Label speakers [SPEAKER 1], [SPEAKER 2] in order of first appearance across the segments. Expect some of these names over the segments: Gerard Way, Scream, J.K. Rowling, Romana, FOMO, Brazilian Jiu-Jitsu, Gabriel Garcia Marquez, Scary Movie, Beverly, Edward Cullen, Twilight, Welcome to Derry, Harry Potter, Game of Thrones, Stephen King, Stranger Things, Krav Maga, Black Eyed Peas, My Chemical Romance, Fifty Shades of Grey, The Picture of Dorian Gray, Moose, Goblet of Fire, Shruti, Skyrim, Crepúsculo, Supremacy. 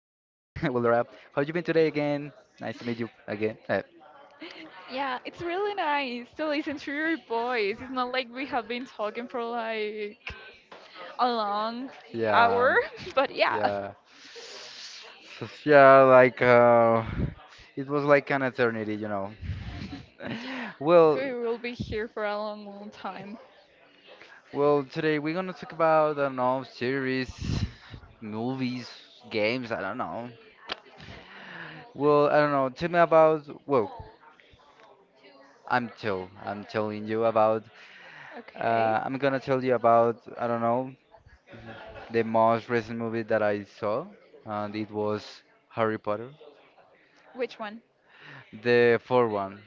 [SPEAKER 1] Laura, how you been today again? Nice to meet you again.
[SPEAKER 2] yeah, it's really nice to listen to your voice. It's not like we have been talking for like a long
[SPEAKER 1] Yeah,
[SPEAKER 2] hour, but yeah,
[SPEAKER 1] yeah. So, yeah, like it was like an eternity. well,
[SPEAKER 2] we will be here for a long, long time.
[SPEAKER 1] well, today we're gonna talk about I don't know series, movies, games. I don't know. Well, I don't know. Tell me about. Well, I'm telling you about.
[SPEAKER 2] Okay,
[SPEAKER 1] I'm gonna tell you about. I don't know. The most recent movie that I saw, and it was Harry Potter.
[SPEAKER 2] which one?
[SPEAKER 1] The fourth one,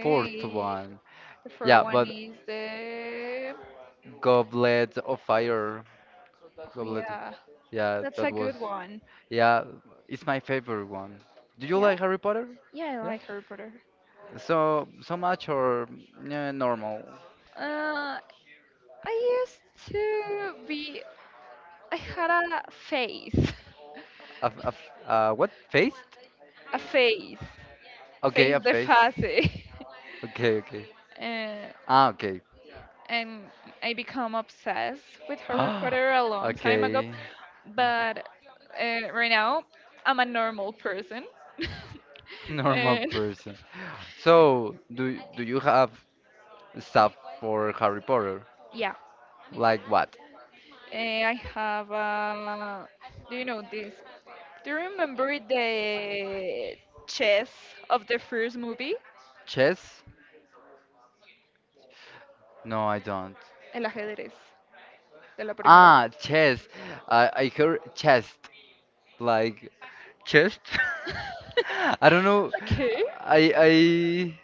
[SPEAKER 1] fourth one.
[SPEAKER 2] the first
[SPEAKER 1] Yeah,
[SPEAKER 2] one
[SPEAKER 1] but
[SPEAKER 2] is the.
[SPEAKER 1] Goblet of Fire.
[SPEAKER 2] Oh,
[SPEAKER 1] Goblet of.
[SPEAKER 2] yeah,
[SPEAKER 1] Yeah,
[SPEAKER 2] that's
[SPEAKER 1] that
[SPEAKER 2] a
[SPEAKER 1] was.
[SPEAKER 2] good one.
[SPEAKER 1] Yeah, it's my favorite one. Do you
[SPEAKER 2] Yeah,
[SPEAKER 1] like Harry Potter?
[SPEAKER 2] yeah, I
[SPEAKER 1] Yeah?
[SPEAKER 2] like Harry Potter.
[SPEAKER 1] So, so much or yeah, normal?
[SPEAKER 2] Uh, I used to be. I had a face,
[SPEAKER 1] What? Face?
[SPEAKER 2] a face,
[SPEAKER 1] Okay,
[SPEAKER 2] face
[SPEAKER 1] a
[SPEAKER 2] the
[SPEAKER 1] face.
[SPEAKER 2] face.
[SPEAKER 1] Okay, okay.
[SPEAKER 2] uh,
[SPEAKER 1] Ah, okay.
[SPEAKER 2] and I become obsessed with Harry Potter a long time ago.
[SPEAKER 1] Okay.
[SPEAKER 2] But right now, I'm a normal person,
[SPEAKER 1] Normal
[SPEAKER 2] and
[SPEAKER 1] person. So, do you have stuff for Harry Potter.
[SPEAKER 2] yeah,
[SPEAKER 1] Like what?
[SPEAKER 2] I have. Do you know this? Do you remember the chess of the first movie?
[SPEAKER 1] Chess? No, I don't.
[SPEAKER 2] El ajedrez de la primera.
[SPEAKER 1] Ah, chess. I heard chest. Like chest? I don't know.
[SPEAKER 2] okay.
[SPEAKER 1] I I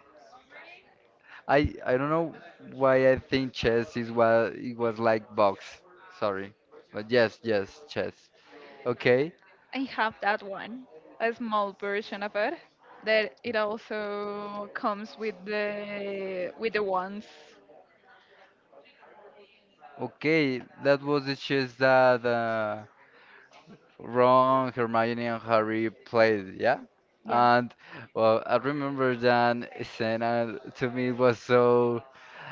[SPEAKER 1] I don't know why I think chess is what it was like box. Sorry. But yes, yes, chess. Okay.
[SPEAKER 2] I have that one, a small version of it, that it also comes with the ones,
[SPEAKER 1] Okay, that was the chess that Ron, Hermione, and Harry played, yeah?
[SPEAKER 2] yeah,
[SPEAKER 1] And well, I remember that scene, and to me it was so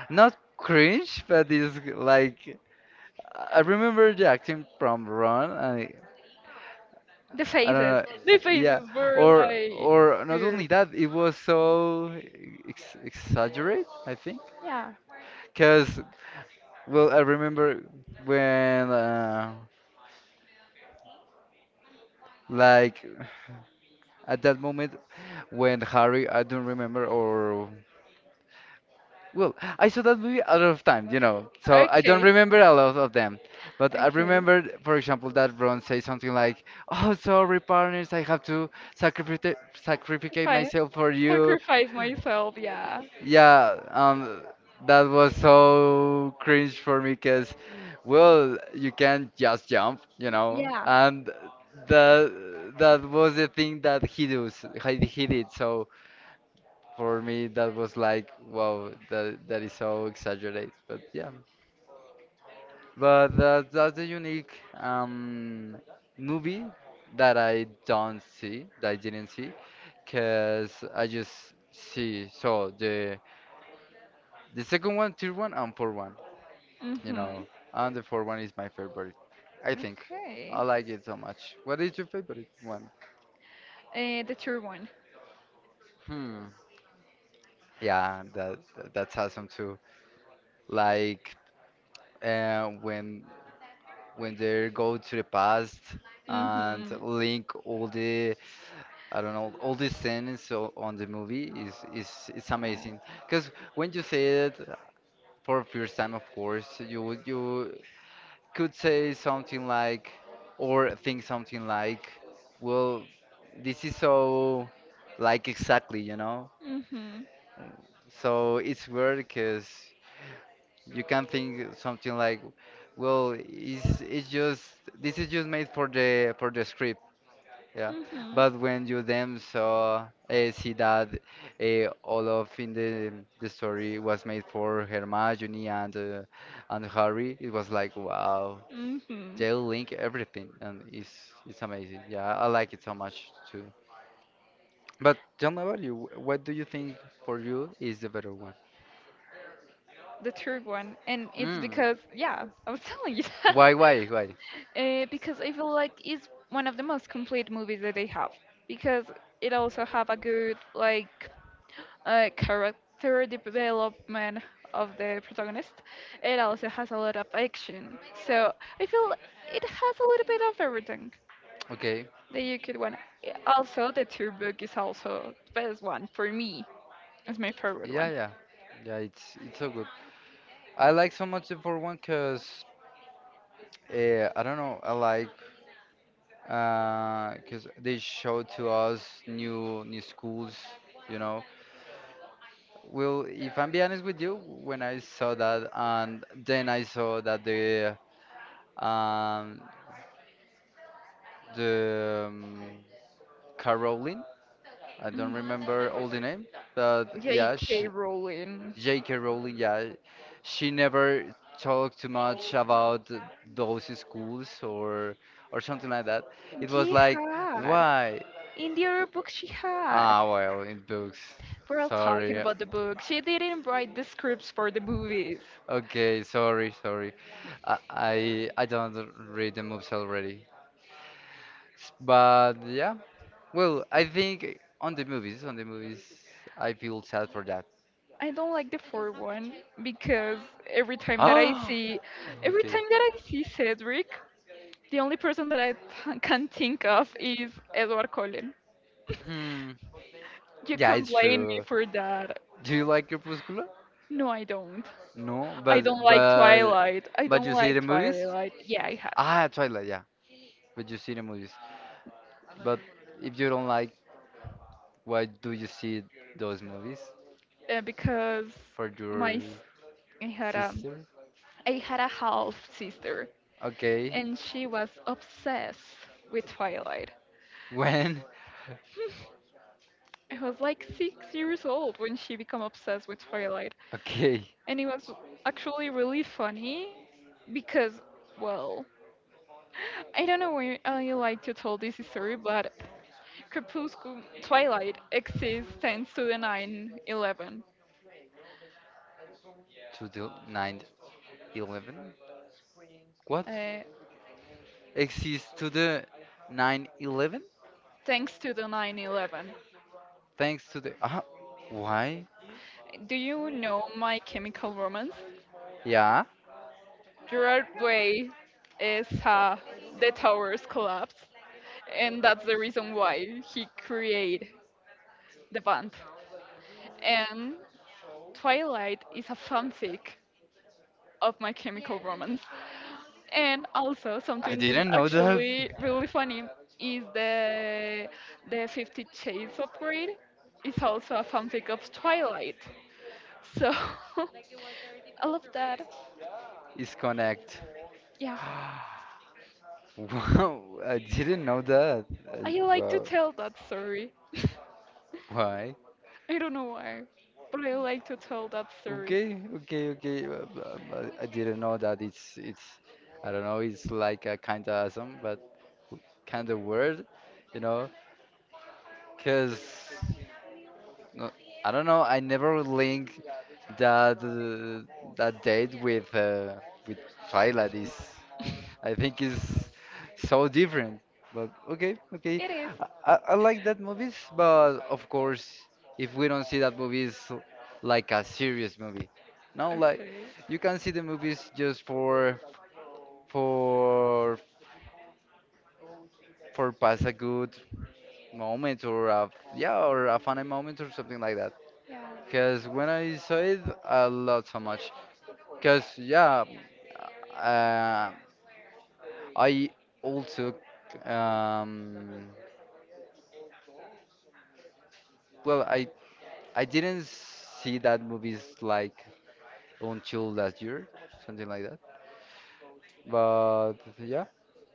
[SPEAKER 1] not cringe, but it's like I remember the acting from Ron, and it-
[SPEAKER 2] the
[SPEAKER 1] I don't
[SPEAKER 2] faces.
[SPEAKER 1] know,
[SPEAKER 2] The
[SPEAKER 1] yeah,
[SPEAKER 2] faces were
[SPEAKER 1] or
[SPEAKER 2] like
[SPEAKER 1] or not
[SPEAKER 2] weird.
[SPEAKER 1] only that, it was so ex exaggerate, I think,
[SPEAKER 2] Yeah.
[SPEAKER 1] because well, I remember when like at that moment when Harry, I don't remember, or well, I saw that movie a lot of times, you know, so I don't
[SPEAKER 2] Okay.
[SPEAKER 1] remember a lot of them. But I
[SPEAKER 2] Okay.
[SPEAKER 1] remember, for example, that Ron says something like, "Oh, sorry, partners, I have to sacrifice sacrificate
[SPEAKER 2] Fine.
[SPEAKER 1] myself for you."
[SPEAKER 2] Sacrifice myself. Yeah.
[SPEAKER 1] Yeah, that was so cringe for me because, well, you can't just jump, you know,
[SPEAKER 2] Yeah.
[SPEAKER 1] and that that was the thing that he does, he did. So for me that was like wow, that that is so exaggerated, but yeah, but that's a unique um movie that I didn't see, because I just see so the second one, third one, and fourth one, you
[SPEAKER 2] Mhm.
[SPEAKER 1] know. And the fourth one is my favorite, I think. I
[SPEAKER 2] Okay.
[SPEAKER 1] like it so much. What is your favorite one?
[SPEAKER 2] The true one.
[SPEAKER 1] Hmm, yeah, that that's awesome too, like uh, when when they go to the past and
[SPEAKER 2] Mhm.
[SPEAKER 1] link all the I don't know, all the scenes on the movie is it's
[SPEAKER 2] Yeah.
[SPEAKER 1] amazing, because when you say it for first time, of course, you could say something like, or think something like, well, this is so like exactly, you know.
[SPEAKER 2] Mhm.
[SPEAKER 1] So it's weird because you can think something like, well, it's just this is just made for the script. Yeah,
[SPEAKER 2] Mhm.
[SPEAKER 1] but when you then saw see that all of in the story was made for Hermione, and Harry, it was like wow,
[SPEAKER 2] Mhm.
[SPEAKER 1] they link everything, and it's amazing. Yeah, I like it so much too. But tell me about you. What do you think for you is the better one?
[SPEAKER 2] The third one, and it's
[SPEAKER 1] Mm.
[SPEAKER 2] because yeah, I was telling you that
[SPEAKER 1] Why? Why? Why?
[SPEAKER 2] because I feel like it's one of the most complete movies that they have because it also have a good like character development of the protagonist. It also has a lot of action, so I feel it has a little bit of everything
[SPEAKER 1] Okay.
[SPEAKER 2] that you could want. Yeah, also, the third book is also the best one for me. It's my favorite
[SPEAKER 1] Yeah,
[SPEAKER 2] one.
[SPEAKER 1] yeah, yeah. It's so good. I like so much the for one because I don't know. I like. Because they show to us new schools, you know. Well, if I'm be honest with you, when I saw that, and then I saw that um, the Caroline, I don't
[SPEAKER 2] Mhm.
[SPEAKER 1] remember all the name, but yeah,
[SPEAKER 2] J.K.
[SPEAKER 1] she,
[SPEAKER 2] Rowling.
[SPEAKER 1] J.K. Rowling, yeah, she never talked too much about those schools, or something like that. It was like,
[SPEAKER 2] Jihad.
[SPEAKER 1] why?
[SPEAKER 2] In the other book she had.
[SPEAKER 1] Ah, well, in books.
[SPEAKER 2] We're all talking
[SPEAKER 1] Sorry.
[SPEAKER 2] about the book. She didn't write the scripts for the movies.
[SPEAKER 1] Okay, sorry, sorry. I don't read the movies already. But yeah. Well, I think on the movies, I feel sad for that.
[SPEAKER 2] I don't like the fourth one because every time that I
[SPEAKER 1] Ah.
[SPEAKER 2] see, every
[SPEAKER 1] Okay.
[SPEAKER 2] time that I see Cedric, the only person that I can think of is Edward Cullen.
[SPEAKER 1] Hmm.
[SPEAKER 2] You
[SPEAKER 1] Yeah,
[SPEAKER 2] can
[SPEAKER 1] it's
[SPEAKER 2] blame me
[SPEAKER 1] true.
[SPEAKER 2] for that.
[SPEAKER 1] Do you like Crepúsculo?
[SPEAKER 2] No, I don't.
[SPEAKER 1] No,
[SPEAKER 2] I don't like Twilight. I
[SPEAKER 1] but
[SPEAKER 2] don't
[SPEAKER 1] you see the
[SPEAKER 2] like
[SPEAKER 1] movies?
[SPEAKER 2] Twilight. Yeah, I had
[SPEAKER 1] Ah, Twilight, yeah. But you see the movies. But if you don't like, why do you see those movies?
[SPEAKER 2] because
[SPEAKER 1] For
[SPEAKER 2] my
[SPEAKER 1] your
[SPEAKER 2] s- I had a
[SPEAKER 1] sister?
[SPEAKER 2] I had a half sister
[SPEAKER 1] Okay.
[SPEAKER 2] and she was obsessed with Twilight.
[SPEAKER 1] When?
[SPEAKER 2] I was like 6 years old when she became obsessed with Twilight,
[SPEAKER 1] Okay.
[SPEAKER 2] and it was actually really funny because, well, I don't know where I like to tell this story, but Crepuscule Twilight exists thanks to the 9/11.
[SPEAKER 1] To the 9/11. What?
[SPEAKER 2] Uh,
[SPEAKER 1] Exists to the 9/11.
[SPEAKER 2] thanks to the 9/11.
[SPEAKER 1] Thanks to the. Ah, why?
[SPEAKER 2] Do you know My Chemical Romance?
[SPEAKER 1] Yeah?
[SPEAKER 2] Gerard Way is the towers collapse. And that's the reason why he created the band. And Twilight is a fanfic of My Chemical Romance. And also
[SPEAKER 1] I
[SPEAKER 2] something
[SPEAKER 1] didn't know that.
[SPEAKER 2] actually really funny is the Fifty Shades of Grey is also a fanfic of Twilight. So I love that.
[SPEAKER 1] Is connect.
[SPEAKER 2] Yeah,
[SPEAKER 1] Wow, I didn't know that. I,
[SPEAKER 2] I like to
[SPEAKER 1] well,
[SPEAKER 2] tell that story.
[SPEAKER 1] why?
[SPEAKER 2] I don't know why, but I like to tell that story.
[SPEAKER 1] Okay, okay, okay. I didn't know that it's it's. I don't know. It's like a kind of awesome, but kind of weird, you know? Cause no, I don't know. I never link that that date with Twilight is. I think it's so different. But okay, okay.
[SPEAKER 2] It is
[SPEAKER 1] I like that movies, but of course, if we don't see that movie, it's like a serious movie. No, like
[SPEAKER 2] okay.
[SPEAKER 1] you can see the movies just for for pass a good moment, or a yeah, or a funny moment, or something like that.
[SPEAKER 2] Yeah.
[SPEAKER 1] Cause when I saw it, I loved so much. Cause yeah, uh, I also um, well, I didn't see that movies like until last year, something like that. But yeah,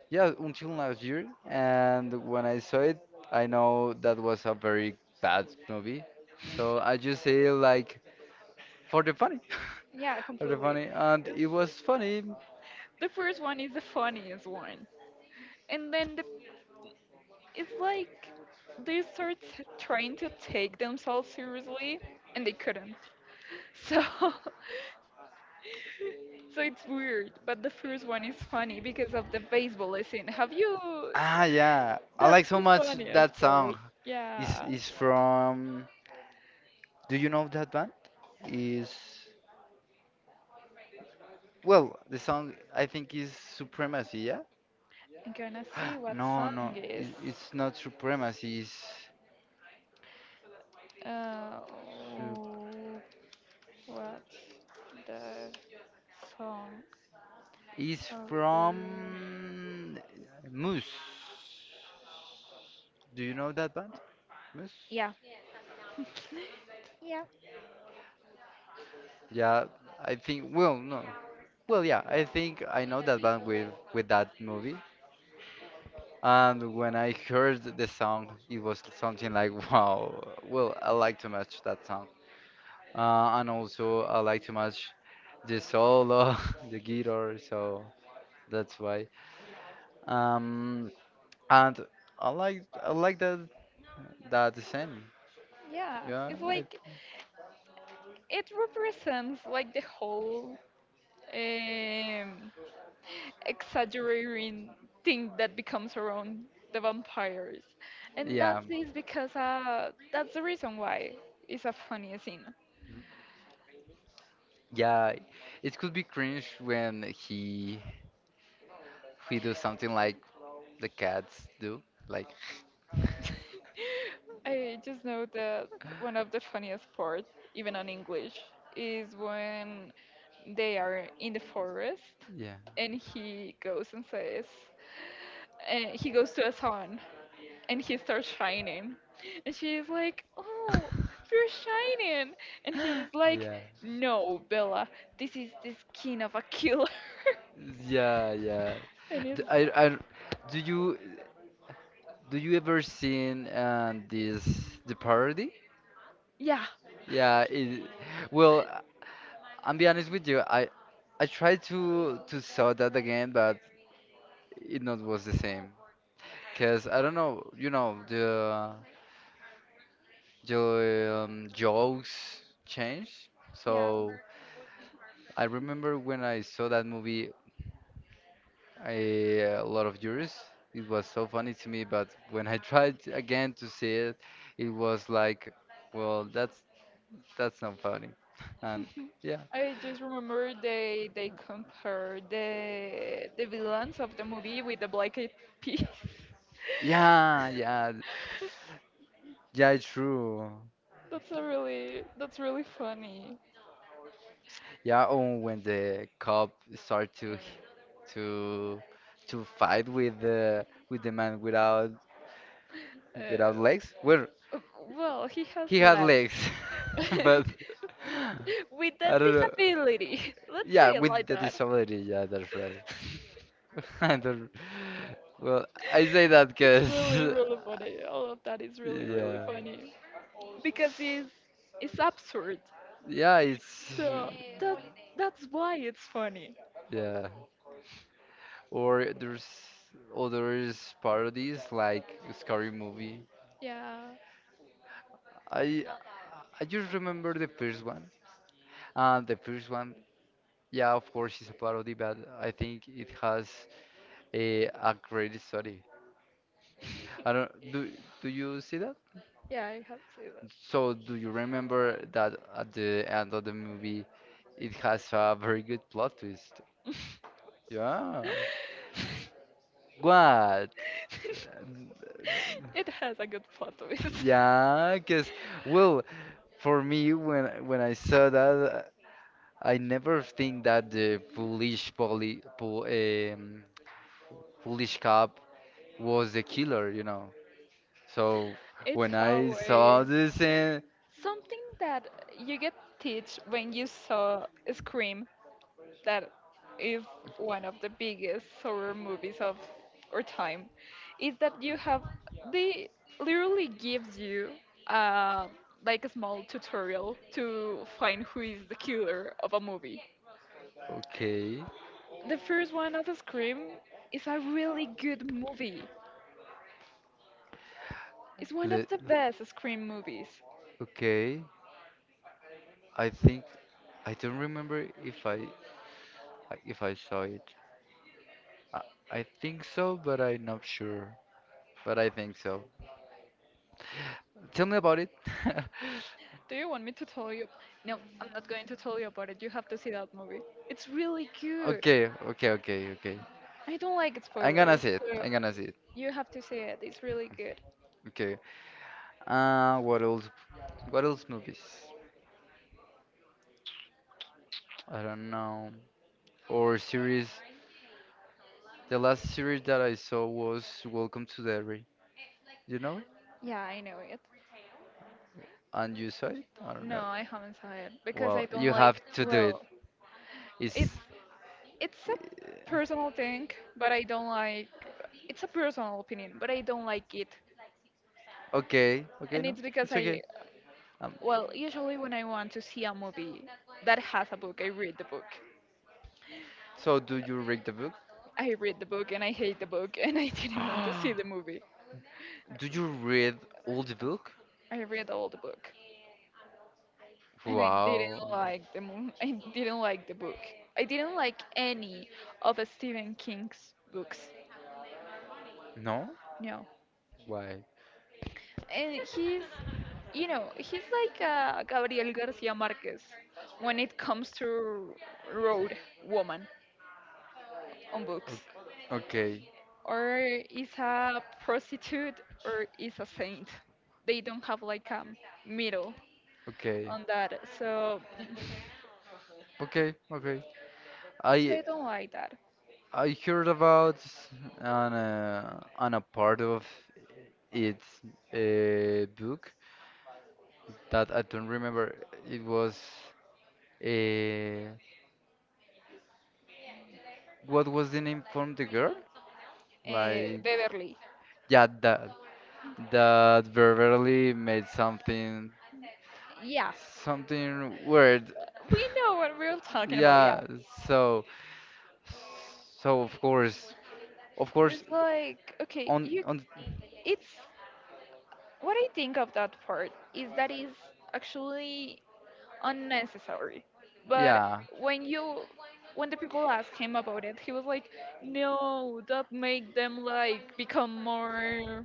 [SPEAKER 1] yeah, until last year. And when I saw it, I know that was a very bad movie. So I just say like for the funny,
[SPEAKER 2] Yeah,
[SPEAKER 1] for the
[SPEAKER 2] completely.
[SPEAKER 1] funny, and it was funny.
[SPEAKER 2] The first one is the funniest one. And then the, it's like they start trying to take themselves seriously and they couldn't. So so it's weird, but the first one is funny because of the baseball scene. Have you
[SPEAKER 1] Ah, yeah, I like
[SPEAKER 2] that's
[SPEAKER 1] so
[SPEAKER 2] the
[SPEAKER 1] much
[SPEAKER 2] funniest
[SPEAKER 1] that
[SPEAKER 2] part.
[SPEAKER 1] song.
[SPEAKER 2] Yeah.
[SPEAKER 1] Is from? Do you know that band? Is, well, the song I think is Supremacy, yeah?
[SPEAKER 2] I'm gonna see what
[SPEAKER 1] No, no,
[SPEAKER 2] song is.
[SPEAKER 1] it, it's not supremacy.
[SPEAKER 2] Uh
[SPEAKER 1] Su-
[SPEAKER 2] oh, what the song
[SPEAKER 1] it's
[SPEAKER 2] of the
[SPEAKER 1] from Moose. Do you know that band? Moose?
[SPEAKER 2] yeah. Yeah.
[SPEAKER 1] Yeah, I think. Well, no. Well, yeah, I think I know that band with that movie. And when I heard the song, it was something like, wow. Well, I like too much that song. And also, I like too much the solo, the guitar. So that's why. Um. And I like that that design.
[SPEAKER 2] Yeah,
[SPEAKER 1] Yeah,
[SPEAKER 2] it's
[SPEAKER 1] it,
[SPEAKER 2] like it represents like the whole um exaggerating thing that becomes around the vampires and that
[SPEAKER 1] yeah,
[SPEAKER 2] is because that's the reason why it's a funny scene.
[SPEAKER 1] yeah. It could be cringe when he do something like the cats do, like
[SPEAKER 2] I just know that one of the funniest parts even on English is when they are in the forest
[SPEAKER 1] yeah,
[SPEAKER 2] and he goes and says he goes to a salon and he starts shining. And she's like, Oh, you're shining. And he's like,
[SPEAKER 1] yeah,
[SPEAKER 2] No, Bella, this is the skin of a killer.
[SPEAKER 1] yeah, yeah.
[SPEAKER 2] and it's,
[SPEAKER 1] D- I, I- do you do you ever seen this the parody?
[SPEAKER 2] yeah.
[SPEAKER 1] Yeah, it, well, I'm be honest with you. I tried to saw that again, but it not was the same. Because I don't know, you know, the jokes change.
[SPEAKER 2] Yeah,
[SPEAKER 1] So I remember when I saw that movie a lot of years, it was so funny to me. But when I tried again to see it, it was like, well, that's not funny. And yeah,
[SPEAKER 2] I just remember they compare the villains of the movie with the Black Eyed Peas.
[SPEAKER 1] yeah, yeah, yeah, it's true.
[SPEAKER 2] That's a really that's really funny.
[SPEAKER 1] Yeah, oh, when the cop start to to fight with the man without
[SPEAKER 2] Uh,
[SPEAKER 1] without legs. Well,
[SPEAKER 2] well, he has
[SPEAKER 1] he had
[SPEAKER 2] legs
[SPEAKER 1] legs, but
[SPEAKER 2] with
[SPEAKER 1] I
[SPEAKER 2] that
[SPEAKER 1] don't know.
[SPEAKER 2] disability. Let's say
[SPEAKER 1] Yeah,
[SPEAKER 2] it like
[SPEAKER 1] with the
[SPEAKER 2] that.
[SPEAKER 1] disability. Yeah, that's right. I don't. Well, I say that
[SPEAKER 2] It's
[SPEAKER 1] because
[SPEAKER 2] really, really funny. All of that is really, really
[SPEAKER 1] yeah,
[SPEAKER 2] funny because it's absurd.
[SPEAKER 1] yeah, it's
[SPEAKER 2] So that that's why it's funny.
[SPEAKER 1] yeah. Or there's others parodies like Scary Movie.
[SPEAKER 2] Yeah,
[SPEAKER 1] I I just remember the first one. The first one, yeah, of course, it's a parody, but I think it has Eh, a great story. I don't do, do you see that?
[SPEAKER 2] yeah, I have seen that.
[SPEAKER 1] So do you remember that at the end of the movie it has a very good plot twist? Yeah. What? And,
[SPEAKER 2] It has a good plot twist.
[SPEAKER 1] yeah, because well, for me when I saw that I never think that the foolish cop was the killer, you know. So
[SPEAKER 2] It's
[SPEAKER 1] when I saw
[SPEAKER 2] always
[SPEAKER 1] this, and
[SPEAKER 2] something that you get teach when you saw Scream that is one of the biggest horror movies of our time is that you have they literally gives you uh, like a small tutorial to find who is the killer of a movie.
[SPEAKER 1] okay.
[SPEAKER 2] The first one of Scream is a really good movie. It's one
[SPEAKER 1] Le
[SPEAKER 2] of the best Scream movies.
[SPEAKER 1] okay, I think I don't remember if I saw it. I, I think so, but I'm not sure. But I think so. Tell me about it.
[SPEAKER 2] Do you want me to tell you? No, I'm not going to tell you about it. You have to see that movie. It's really good.
[SPEAKER 1] Okay, okay, okay, okay.
[SPEAKER 2] I don't like
[SPEAKER 1] I'm gonna
[SPEAKER 2] spoilers,
[SPEAKER 1] see it.
[SPEAKER 2] so
[SPEAKER 1] I'm gonna see it.
[SPEAKER 2] you have to see it. It's really good.
[SPEAKER 1] Okay. What else? What else movies? I don't know. Or series. The last series that I saw was Welcome to Derry. You know it?
[SPEAKER 2] Yeah, I know it.
[SPEAKER 1] And you saw it? I don't
[SPEAKER 2] No,
[SPEAKER 1] know.
[SPEAKER 2] I haven't saw it because I
[SPEAKER 1] Well,
[SPEAKER 2] don't
[SPEAKER 1] you
[SPEAKER 2] like.
[SPEAKER 1] have to do it.
[SPEAKER 2] Well,
[SPEAKER 1] Is
[SPEAKER 2] it's it's a personal thing, but I don't like. It's a personal opinion, but I don't like it,
[SPEAKER 1] okay, okay,
[SPEAKER 2] and
[SPEAKER 1] no,
[SPEAKER 2] it's because
[SPEAKER 1] it's okay.
[SPEAKER 2] I.
[SPEAKER 1] Um,
[SPEAKER 2] Well, usually when I want to see a movie that has a book, I read the book.
[SPEAKER 1] so do you read the book?
[SPEAKER 2] I read the book and I hate the book and I didn't want to see the movie.
[SPEAKER 1] Do you read all the book?
[SPEAKER 2] I read all the book. And I didn't
[SPEAKER 1] Wow.
[SPEAKER 2] like the movie. I didn't like the book. I didn't like any of Stephen King's books.
[SPEAKER 1] No?
[SPEAKER 2] No,
[SPEAKER 1] Why?
[SPEAKER 2] and he's, you know, he's like Gabriel Garcia Marquez when it comes to road woman on books,
[SPEAKER 1] Okay,
[SPEAKER 2] or is a prostitute or is a saint. They don't have like a middle
[SPEAKER 1] okay,
[SPEAKER 2] on that, so
[SPEAKER 1] okay, okay.
[SPEAKER 2] so
[SPEAKER 1] I
[SPEAKER 2] I don't like that.
[SPEAKER 1] I heard about an a part of its book that I don't remember. It was a what was the name from the girl? Like
[SPEAKER 2] Beverly,
[SPEAKER 1] yeah, that that Beverly made something
[SPEAKER 2] yeah,
[SPEAKER 1] something weird.
[SPEAKER 2] we know what we're talking about. Yeah,
[SPEAKER 1] Yeah, so so of course,
[SPEAKER 2] it's like okay you
[SPEAKER 1] on
[SPEAKER 2] it's what I think of that part is that is actually unnecessary but
[SPEAKER 1] yeah,
[SPEAKER 2] when you when the people asked him about it he was like no that make them like become more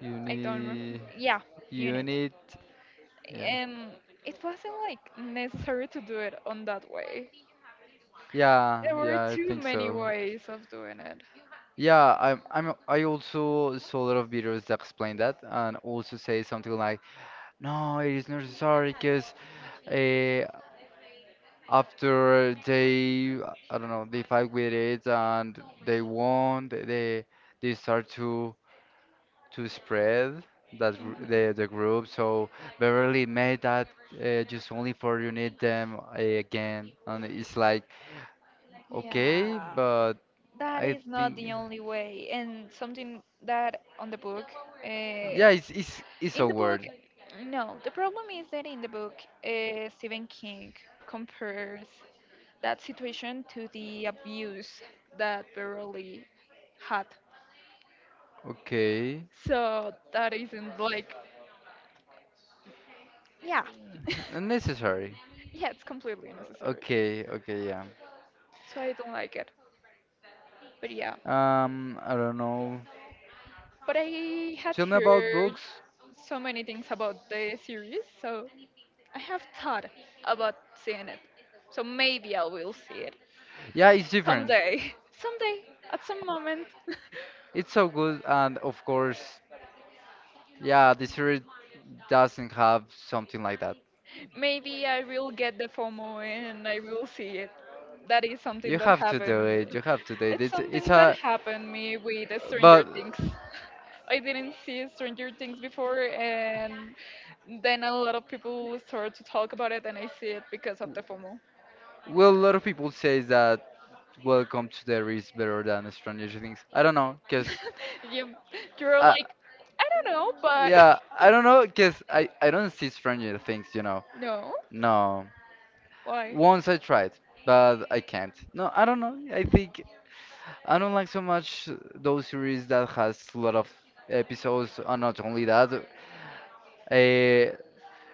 [SPEAKER 1] you
[SPEAKER 2] I don't remember.
[SPEAKER 1] need
[SPEAKER 2] Yeah,
[SPEAKER 1] you
[SPEAKER 2] unit.
[SPEAKER 1] need yeah,
[SPEAKER 2] And it wasn't like necessary to do it on that way.
[SPEAKER 1] yeah,
[SPEAKER 2] There were
[SPEAKER 1] yeah, I
[SPEAKER 2] too
[SPEAKER 1] think
[SPEAKER 2] many
[SPEAKER 1] so.
[SPEAKER 2] ways of doing it.
[SPEAKER 1] Yeah, I also saw a lot of videos that explain that and also say something like, no, it is not necessary because uh, after they, I don't know, they fight with it and they won, they start to spread that
[SPEAKER 2] Hmm.
[SPEAKER 1] the group. So Beverly made that just only for you need them again, and it's like,
[SPEAKER 2] Yeah,
[SPEAKER 1] okay, but
[SPEAKER 2] that
[SPEAKER 1] I
[SPEAKER 2] is not
[SPEAKER 1] think.
[SPEAKER 2] the only way and something that on the book uh,
[SPEAKER 1] Yeah, it's
[SPEAKER 2] in
[SPEAKER 1] a
[SPEAKER 2] the book
[SPEAKER 1] word.
[SPEAKER 2] no the problem is that in the book Stephen King compares that situation to the abuse that Beverly had
[SPEAKER 1] Okay.
[SPEAKER 2] so that isn't like yeah
[SPEAKER 1] Unnecessary.
[SPEAKER 2] yeah it's completely unnecessary
[SPEAKER 1] Okay, okay, yeah.
[SPEAKER 2] so I don't like it but yeah
[SPEAKER 1] I don't know.
[SPEAKER 2] but I had
[SPEAKER 1] Tell me about
[SPEAKER 2] heard
[SPEAKER 1] books.
[SPEAKER 2] so many things about the series, so I have thought about seeing it, so maybe I will see it
[SPEAKER 1] Yeah, it's different.
[SPEAKER 2] someday. Someday, at some moment,
[SPEAKER 1] It's so good, and of course, yeah, the series doesn't have something like that.
[SPEAKER 2] maybe I will get the FOMO and I will see it. That is something
[SPEAKER 1] You
[SPEAKER 2] that
[SPEAKER 1] have to
[SPEAKER 2] happened
[SPEAKER 1] do
[SPEAKER 2] to me.
[SPEAKER 1] it. You have to do it.
[SPEAKER 2] It's
[SPEAKER 1] It's
[SPEAKER 2] something that
[SPEAKER 1] a,
[SPEAKER 2] happened me with the Stranger
[SPEAKER 1] but
[SPEAKER 2] Things. I didn't see Stranger Things before, and then a lot of people start to talk about it, and I see it because of the FOMO.
[SPEAKER 1] well, a lot of people say that Welcome to the is better than Stranger Things. I don't know, cause
[SPEAKER 2] you, you're
[SPEAKER 1] Uh,
[SPEAKER 2] like, I don't know, but
[SPEAKER 1] yeah, I don't know, cause I don't see Stranger Things, you know.
[SPEAKER 2] no,
[SPEAKER 1] No,
[SPEAKER 2] why?
[SPEAKER 1] once I tried, but I can't. No, I don't know. I think I don't like so much those series that has a lot of episodes, and not only that, uh,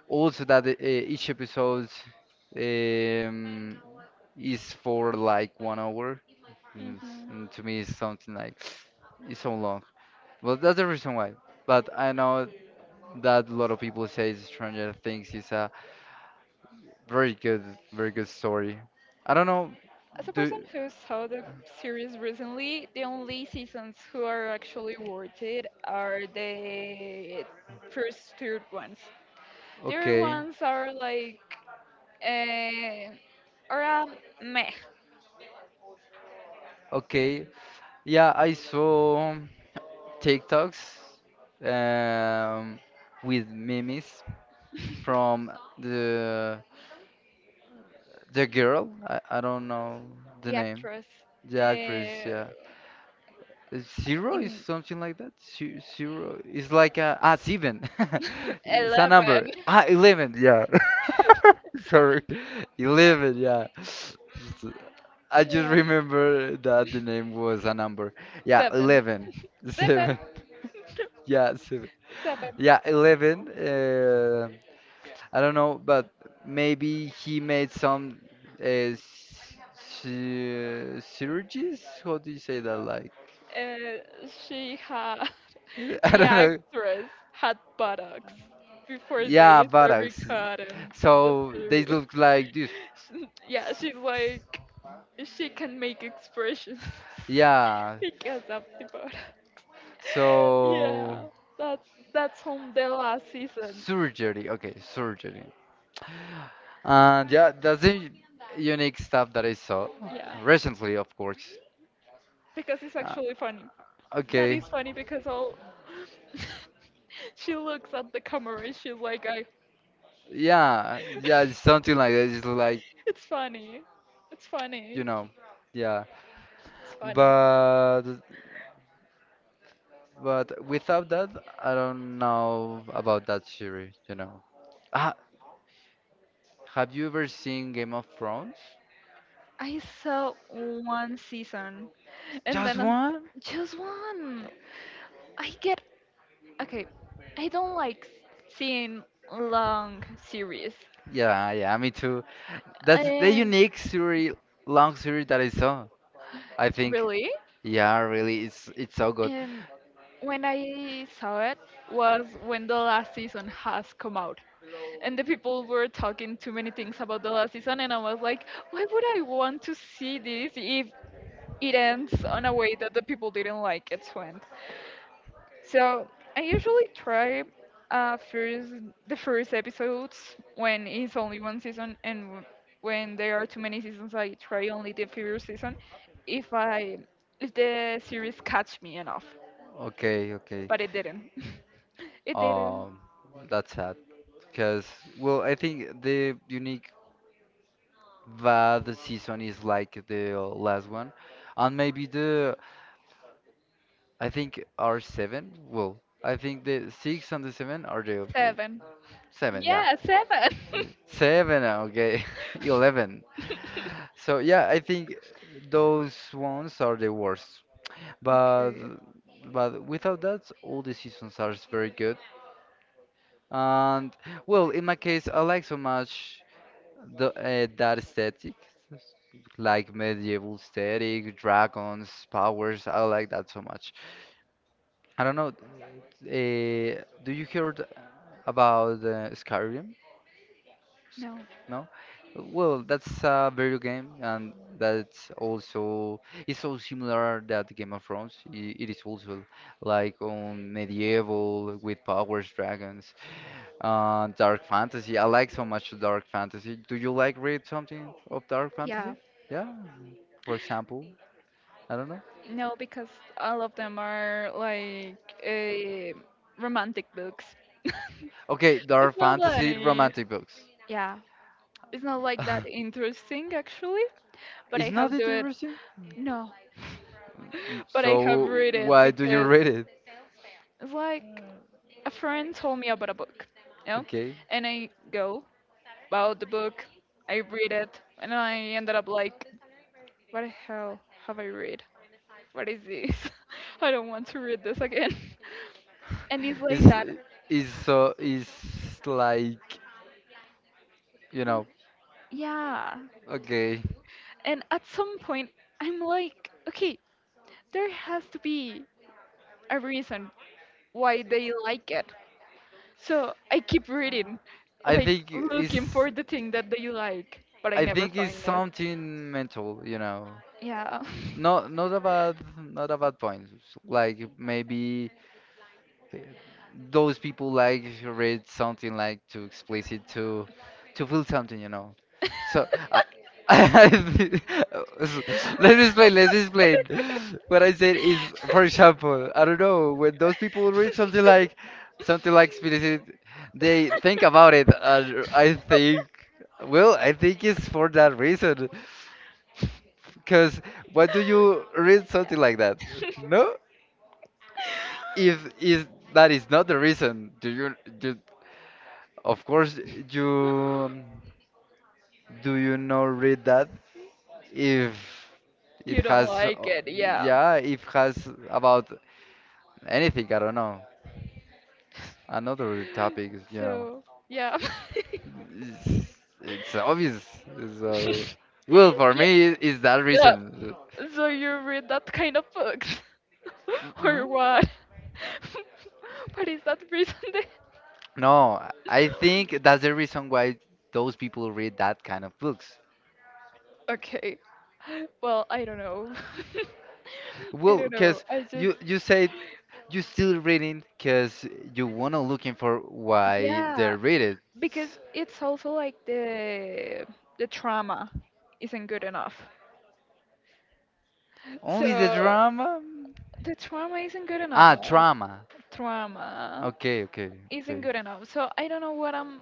[SPEAKER 1] also that each episode um, is for like 1 hour. And, s-
[SPEAKER 2] Hmm.
[SPEAKER 1] and to me, it's something like it's so long. Well, that's the reason why. But I know that a lot of people say Stranger Things is a very good, very good story. I don't know.
[SPEAKER 2] As a
[SPEAKER 1] Do
[SPEAKER 2] person who saw the series recently, the only seasons who are actually worth it are the first two ones. The other
[SPEAKER 1] Okay,
[SPEAKER 2] ones are like uh, are a meh.
[SPEAKER 1] okay. Yeah, I saw TikToks um, with memes from the the girl. I don't know the
[SPEAKER 2] The
[SPEAKER 1] name.
[SPEAKER 2] actress
[SPEAKER 1] The actress,
[SPEAKER 2] uh,
[SPEAKER 1] yeah. Zero is
[SPEAKER 2] in
[SPEAKER 1] something like that. Zero is like a ah seven. It's a number.
[SPEAKER 2] eleven,
[SPEAKER 1] Ah, 11. Yeah. Sorry, 11. Yeah. Just- I just
[SPEAKER 2] yeah.
[SPEAKER 1] remember that the name was a number. Yeah,
[SPEAKER 2] Seven,
[SPEAKER 1] 11.
[SPEAKER 2] seven,
[SPEAKER 1] Seven. Yeah, seven.
[SPEAKER 2] seven.
[SPEAKER 1] Yeah, 11. I don't know, but maybe he made some synergies. How do you say that? Like,
[SPEAKER 2] Uh, she has.
[SPEAKER 1] I
[SPEAKER 2] The
[SPEAKER 1] don't know.
[SPEAKER 2] actress had buttocks before
[SPEAKER 1] Yeah,
[SPEAKER 2] they started
[SPEAKER 1] buttocks.
[SPEAKER 2] recording the
[SPEAKER 1] So they
[SPEAKER 2] series.
[SPEAKER 1] look like this.
[SPEAKER 2] She- yeah, she's like she can make expressions
[SPEAKER 1] Yeah.
[SPEAKER 2] because of the buttocks.
[SPEAKER 1] So
[SPEAKER 2] yeah, that's that's from the last season.
[SPEAKER 1] surgery. Okay, surgery. And yeah, that's the unique stuff that I saw
[SPEAKER 2] Yeah,
[SPEAKER 1] recently, of course.
[SPEAKER 2] because it's
[SPEAKER 1] Uh,
[SPEAKER 2] actually funny. That
[SPEAKER 1] okay.
[SPEAKER 2] is funny because all she looks at the camera and she's like, I.
[SPEAKER 1] Yeah, yeah, it's something like that. It's like,
[SPEAKER 2] It's funny. It's funny.
[SPEAKER 1] you know, yeah.
[SPEAKER 2] It's funny.
[SPEAKER 1] But without that, I don't know about that series, you know. Ah, have you ever seen Game of Thrones?
[SPEAKER 2] I saw one season and
[SPEAKER 1] Just
[SPEAKER 2] then I'm,
[SPEAKER 1] one?
[SPEAKER 2] just one. I get okay. I don't like seeing long series.
[SPEAKER 1] Yeah, yeah, me too. That's the
[SPEAKER 2] And
[SPEAKER 1] unique series, long series that I saw. I think.
[SPEAKER 2] really,
[SPEAKER 1] Yeah, really, it's so good.
[SPEAKER 2] and when I saw it was when the last season has come out. And the people were talking too many things about the last season and I was like, why would I want to see this if it ends on a way that the people didn't like it to end? So I usually try first the first episodes when it's only one season, and when there are too many seasons, I try only the first season if I if the series catch me enough.
[SPEAKER 1] Okay, okay.
[SPEAKER 2] But it didn't. It didn't.
[SPEAKER 1] Um, that's sad. Cause well, I think the unique bad season is like the last one, and maybe the I think are seven. Well, I think the six and the seven are the well,
[SPEAKER 2] Seven.
[SPEAKER 1] seven. Yeah,
[SPEAKER 2] Yeah, seven.
[SPEAKER 1] Mm, seven. Okay, 11. So yeah, I think those ones are the worst. But
[SPEAKER 2] Okay.
[SPEAKER 1] without that, all the seasons are very good. And well, in my case, I like so much the that aesthetic, like medieval aesthetic, dragons, powers. I like that so much. I don't know. Do you heard about Skyrim?
[SPEAKER 2] No.
[SPEAKER 1] No? Well, that's a video game, and that's also it's so similar that Game of Thrones. It is also like on medieval with powers, dragons, dark fantasy. I like so much dark fantasy. Do you like read something of dark
[SPEAKER 2] Yeah.
[SPEAKER 1] fantasy? Yeah, for example, I don't know.
[SPEAKER 2] No, because all of them are like uh, romantic books.
[SPEAKER 1] Okay,
[SPEAKER 2] It's
[SPEAKER 1] dark
[SPEAKER 2] not
[SPEAKER 1] fantasy
[SPEAKER 2] like
[SPEAKER 1] romantic books.
[SPEAKER 2] yeah, it's not like that interesting actually. But I
[SPEAKER 1] It's not
[SPEAKER 2] have do it
[SPEAKER 1] interesting?
[SPEAKER 2] no,
[SPEAKER 1] Mm,
[SPEAKER 2] but I have
[SPEAKER 1] so
[SPEAKER 2] read it
[SPEAKER 1] why do you
[SPEAKER 2] because
[SPEAKER 1] read it?
[SPEAKER 2] it's like a friend told me about a book, you know,
[SPEAKER 1] Okay.
[SPEAKER 2] and I go about the book, I read it, and I ended up like, what the hell have I read? What is this? I don't want to read this again. And it's like that,
[SPEAKER 1] It's so it's like you know.
[SPEAKER 2] yeah.
[SPEAKER 1] Okay.
[SPEAKER 2] And at some point, I'm like, okay, there has to be a reason why they like it. So I keep reading,
[SPEAKER 1] I
[SPEAKER 2] like
[SPEAKER 1] think it's
[SPEAKER 2] looking for the thing that they like, but I
[SPEAKER 1] I
[SPEAKER 2] never
[SPEAKER 1] think it's
[SPEAKER 2] find it.
[SPEAKER 1] something mental, you know.
[SPEAKER 2] Yeah.
[SPEAKER 1] Not about not about points. Like maybe th- those people like read something like too explicit to feel something, you know. So I, I thi- let me explain. Let's explain. What I said is, for example, I don't know when those people read something like explicit, they think about it. And I think, well, I think it's for that reason, because why do you read something like that?
[SPEAKER 2] Yeah.
[SPEAKER 1] No, if is that is not the reason. Do you do? Of course, you do you know read that if it
[SPEAKER 2] You don't
[SPEAKER 1] has
[SPEAKER 2] like it, yeah.
[SPEAKER 1] yeah if has about anything I don't know another topic you know
[SPEAKER 2] So yeah.
[SPEAKER 1] it's, it's obvious so well for
[SPEAKER 2] yeah.
[SPEAKER 1] me is that
[SPEAKER 2] Yeah.
[SPEAKER 1] reason.
[SPEAKER 2] So you read that kind of books or
[SPEAKER 1] Mm-mm.
[SPEAKER 2] what? What is that reason then?
[SPEAKER 1] No, I think that's the reason why those people read that kind of books.
[SPEAKER 2] Okay. Well, I don't know. I
[SPEAKER 1] Well,
[SPEAKER 2] don't know.
[SPEAKER 1] because
[SPEAKER 2] I just
[SPEAKER 1] you said you still reading because you wanna looking for why they
[SPEAKER 2] yeah,
[SPEAKER 1] read it.
[SPEAKER 2] because it's also like the trauma isn't good enough.
[SPEAKER 1] Only the
[SPEAKER 2] So
[SPEAKER 1] drama?
[SPEAKER 2] the trauma isn't good
[SPEAKER 1] Ah,
[SPEAKER 2] enough.
[SPEAKER 1] drama.
[SPEAKER 2] Trauma
[SPEAKER 1] Okay, okay,
[SPEAKER 2] isn't
[SPEAKER 1] okay.
[SPEAKER 2] good enough. So I don't know what I'm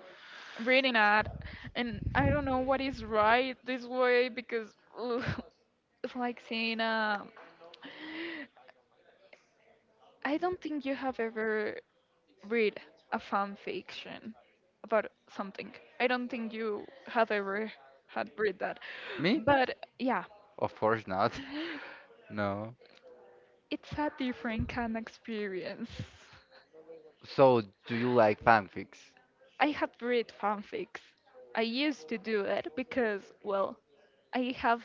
[SPEAKER 2] reading at, and I don't know what is right this way because ugh, it's like saying, I don't think you have ever read a fan fiction about something. I don't think you have ever had read that.
[SPEAKER 1] Me?
[SPEAKER 2] But yeah,
[SPEAKER 1] Of course not. No.
[SPEAKER 2] it's a different kind of experience.
[SPEAKER 1] So, do you like fanfics?
[SPEAKER 2] I had read fanfics. I used to do it because, well, I have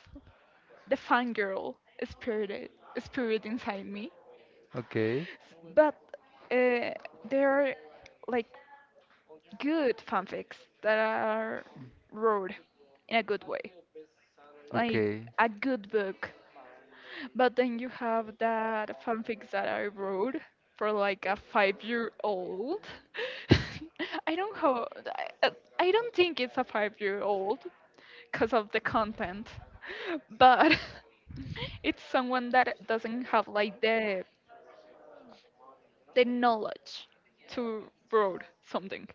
[SPEAKER 2] the fangirl spirit spirit inside me.
[SPEAKER 1] Okay,
[SPEAKER 2] But uh, there are like good fanfics that are wrote in a good way, like
[SPEAKER 1] okay,
[SPEAKER 2] a good book. But then you have that fanfics that I wrote for like a 5-year-old. I don't ho I, I don't think it's a 5-year-old because of the content, but it's someone that doesn't have like the knowledge to wrote something.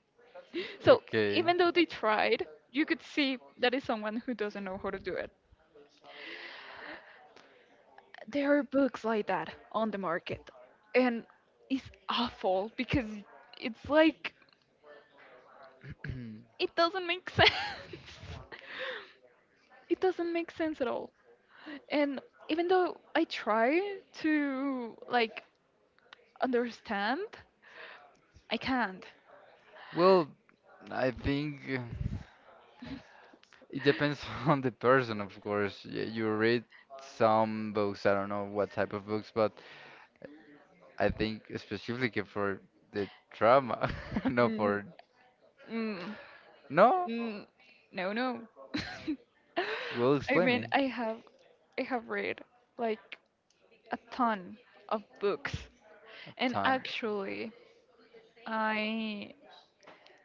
[SPEAKER 2] So
[SPEAKER 1] okay.
[SPEAKER 2] even though they tried, you could see that is someone who doesn't know how to do it. There are books like that on the market and it's awful because it's like
[SPEAKER 1] Mm,
[SPEAKER 2] it doesn't make sense. It doesn't make sense at all and even though I try to like understand I can't.
[SPEAKER 1] well, I think. It depends on the person, of course. You read some books, I don't know what type of books, but I think specifically for the trauma, no
[SPEAKER 2] Mm,
[SPEAKER 1] for
[SPEAKER 2] mm,
[SPEAKER 1] no,
[SPEAKER 2] mm, no, no.
[SPEAKER 1] will
[SPEAKER 2] I
[SPEAKER 1] explain
[SPEAKER 2] mean
[SPEAKER 1] me
[SPEAKER 2] I have read like a ton of books
[SPEAKER 1] a
[SPEAKER 2] and
[SPEAKER 1] ton.
[SPEAKER 2] actually i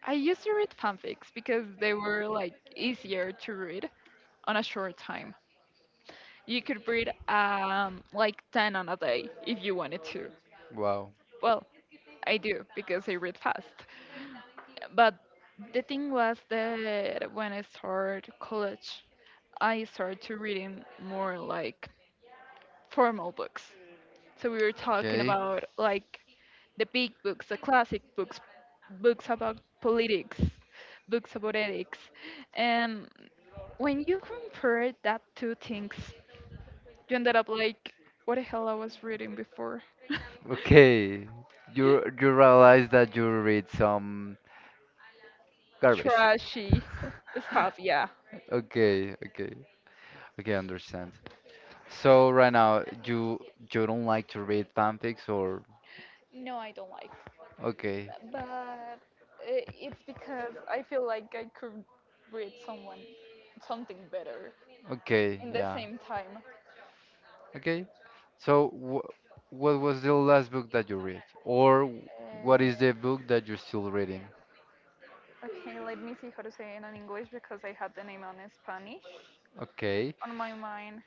[SPEAKER 2] I used to read fanfics because they were like easier to read on a short time. You could read like 10 on a day if you wanted to.
[SPEAKER 1] Wow.
[SPEAKER 2] Well, I do because I read fast. But the thing was that when I started college, I started to reading more like formal books. So we were talking
[SPEAKER 1] Okay.
[SPEAKER 2] about like the big books, the classic books, books about politics, books about ethics, and when you compare that two things, you ended up like, what the hell I was reading before?
[SPEAKER 1] Okay. You realize that you read some garbage.
[SPEAKER 2] Trashy stuff, yeah.
[SPEAKER 1] Okay, okay. Okay, understand. So right now you don't like to read fanfics or
[SPEAKER 2] No, I don't like
[SPEAKER 1] okay.
[SPEAKER 2] that, but it's because I feel like I could read someone something better
[SPEAKER 1] Okay,
[SPEAKER 2] in the
[SPEAKER 1] yeah.
[SPEAKER 2] same time.
[SPEAKER 1] Okay. So, wh what was the last book that you read? Or what
[SPEAKER 2] Uh,
[SPEAKER 1] is the book that you're still reading?
[SPEAKER 2] okay, let me see how to say it in English because I had the name on Spanish
[SPEAKER 1] Okay.
[SPEAKER 2] on my mind.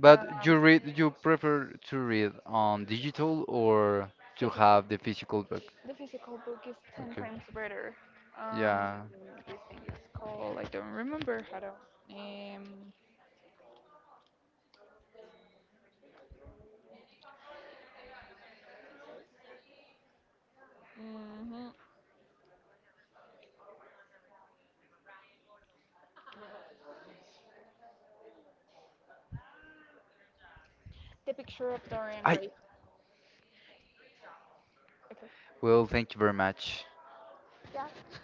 [SPEAKER 1] But
[SPEAKER 2] Um,
[SPEAKER 1] you read, you prefer to read on digital or to
[SPEAKER 2] physical.
[SPEAKER 1] have the physical book?
[SPEAKER 2] The physical book is ten
[SPEAKER 1] Okay.
[SPEAKER 2] times better. Um,
[SPEAKER 1] Yeah.
[SPEAKER 2] this thing is called I don't remember how to. Um, mhm, The picture of Dorian
[SPEAKER 1] I,
[SPEAKER 2] Gray. Okay.
[SPEAKER 1] well, thank you very much.
[SPEAKER 2] Yeah.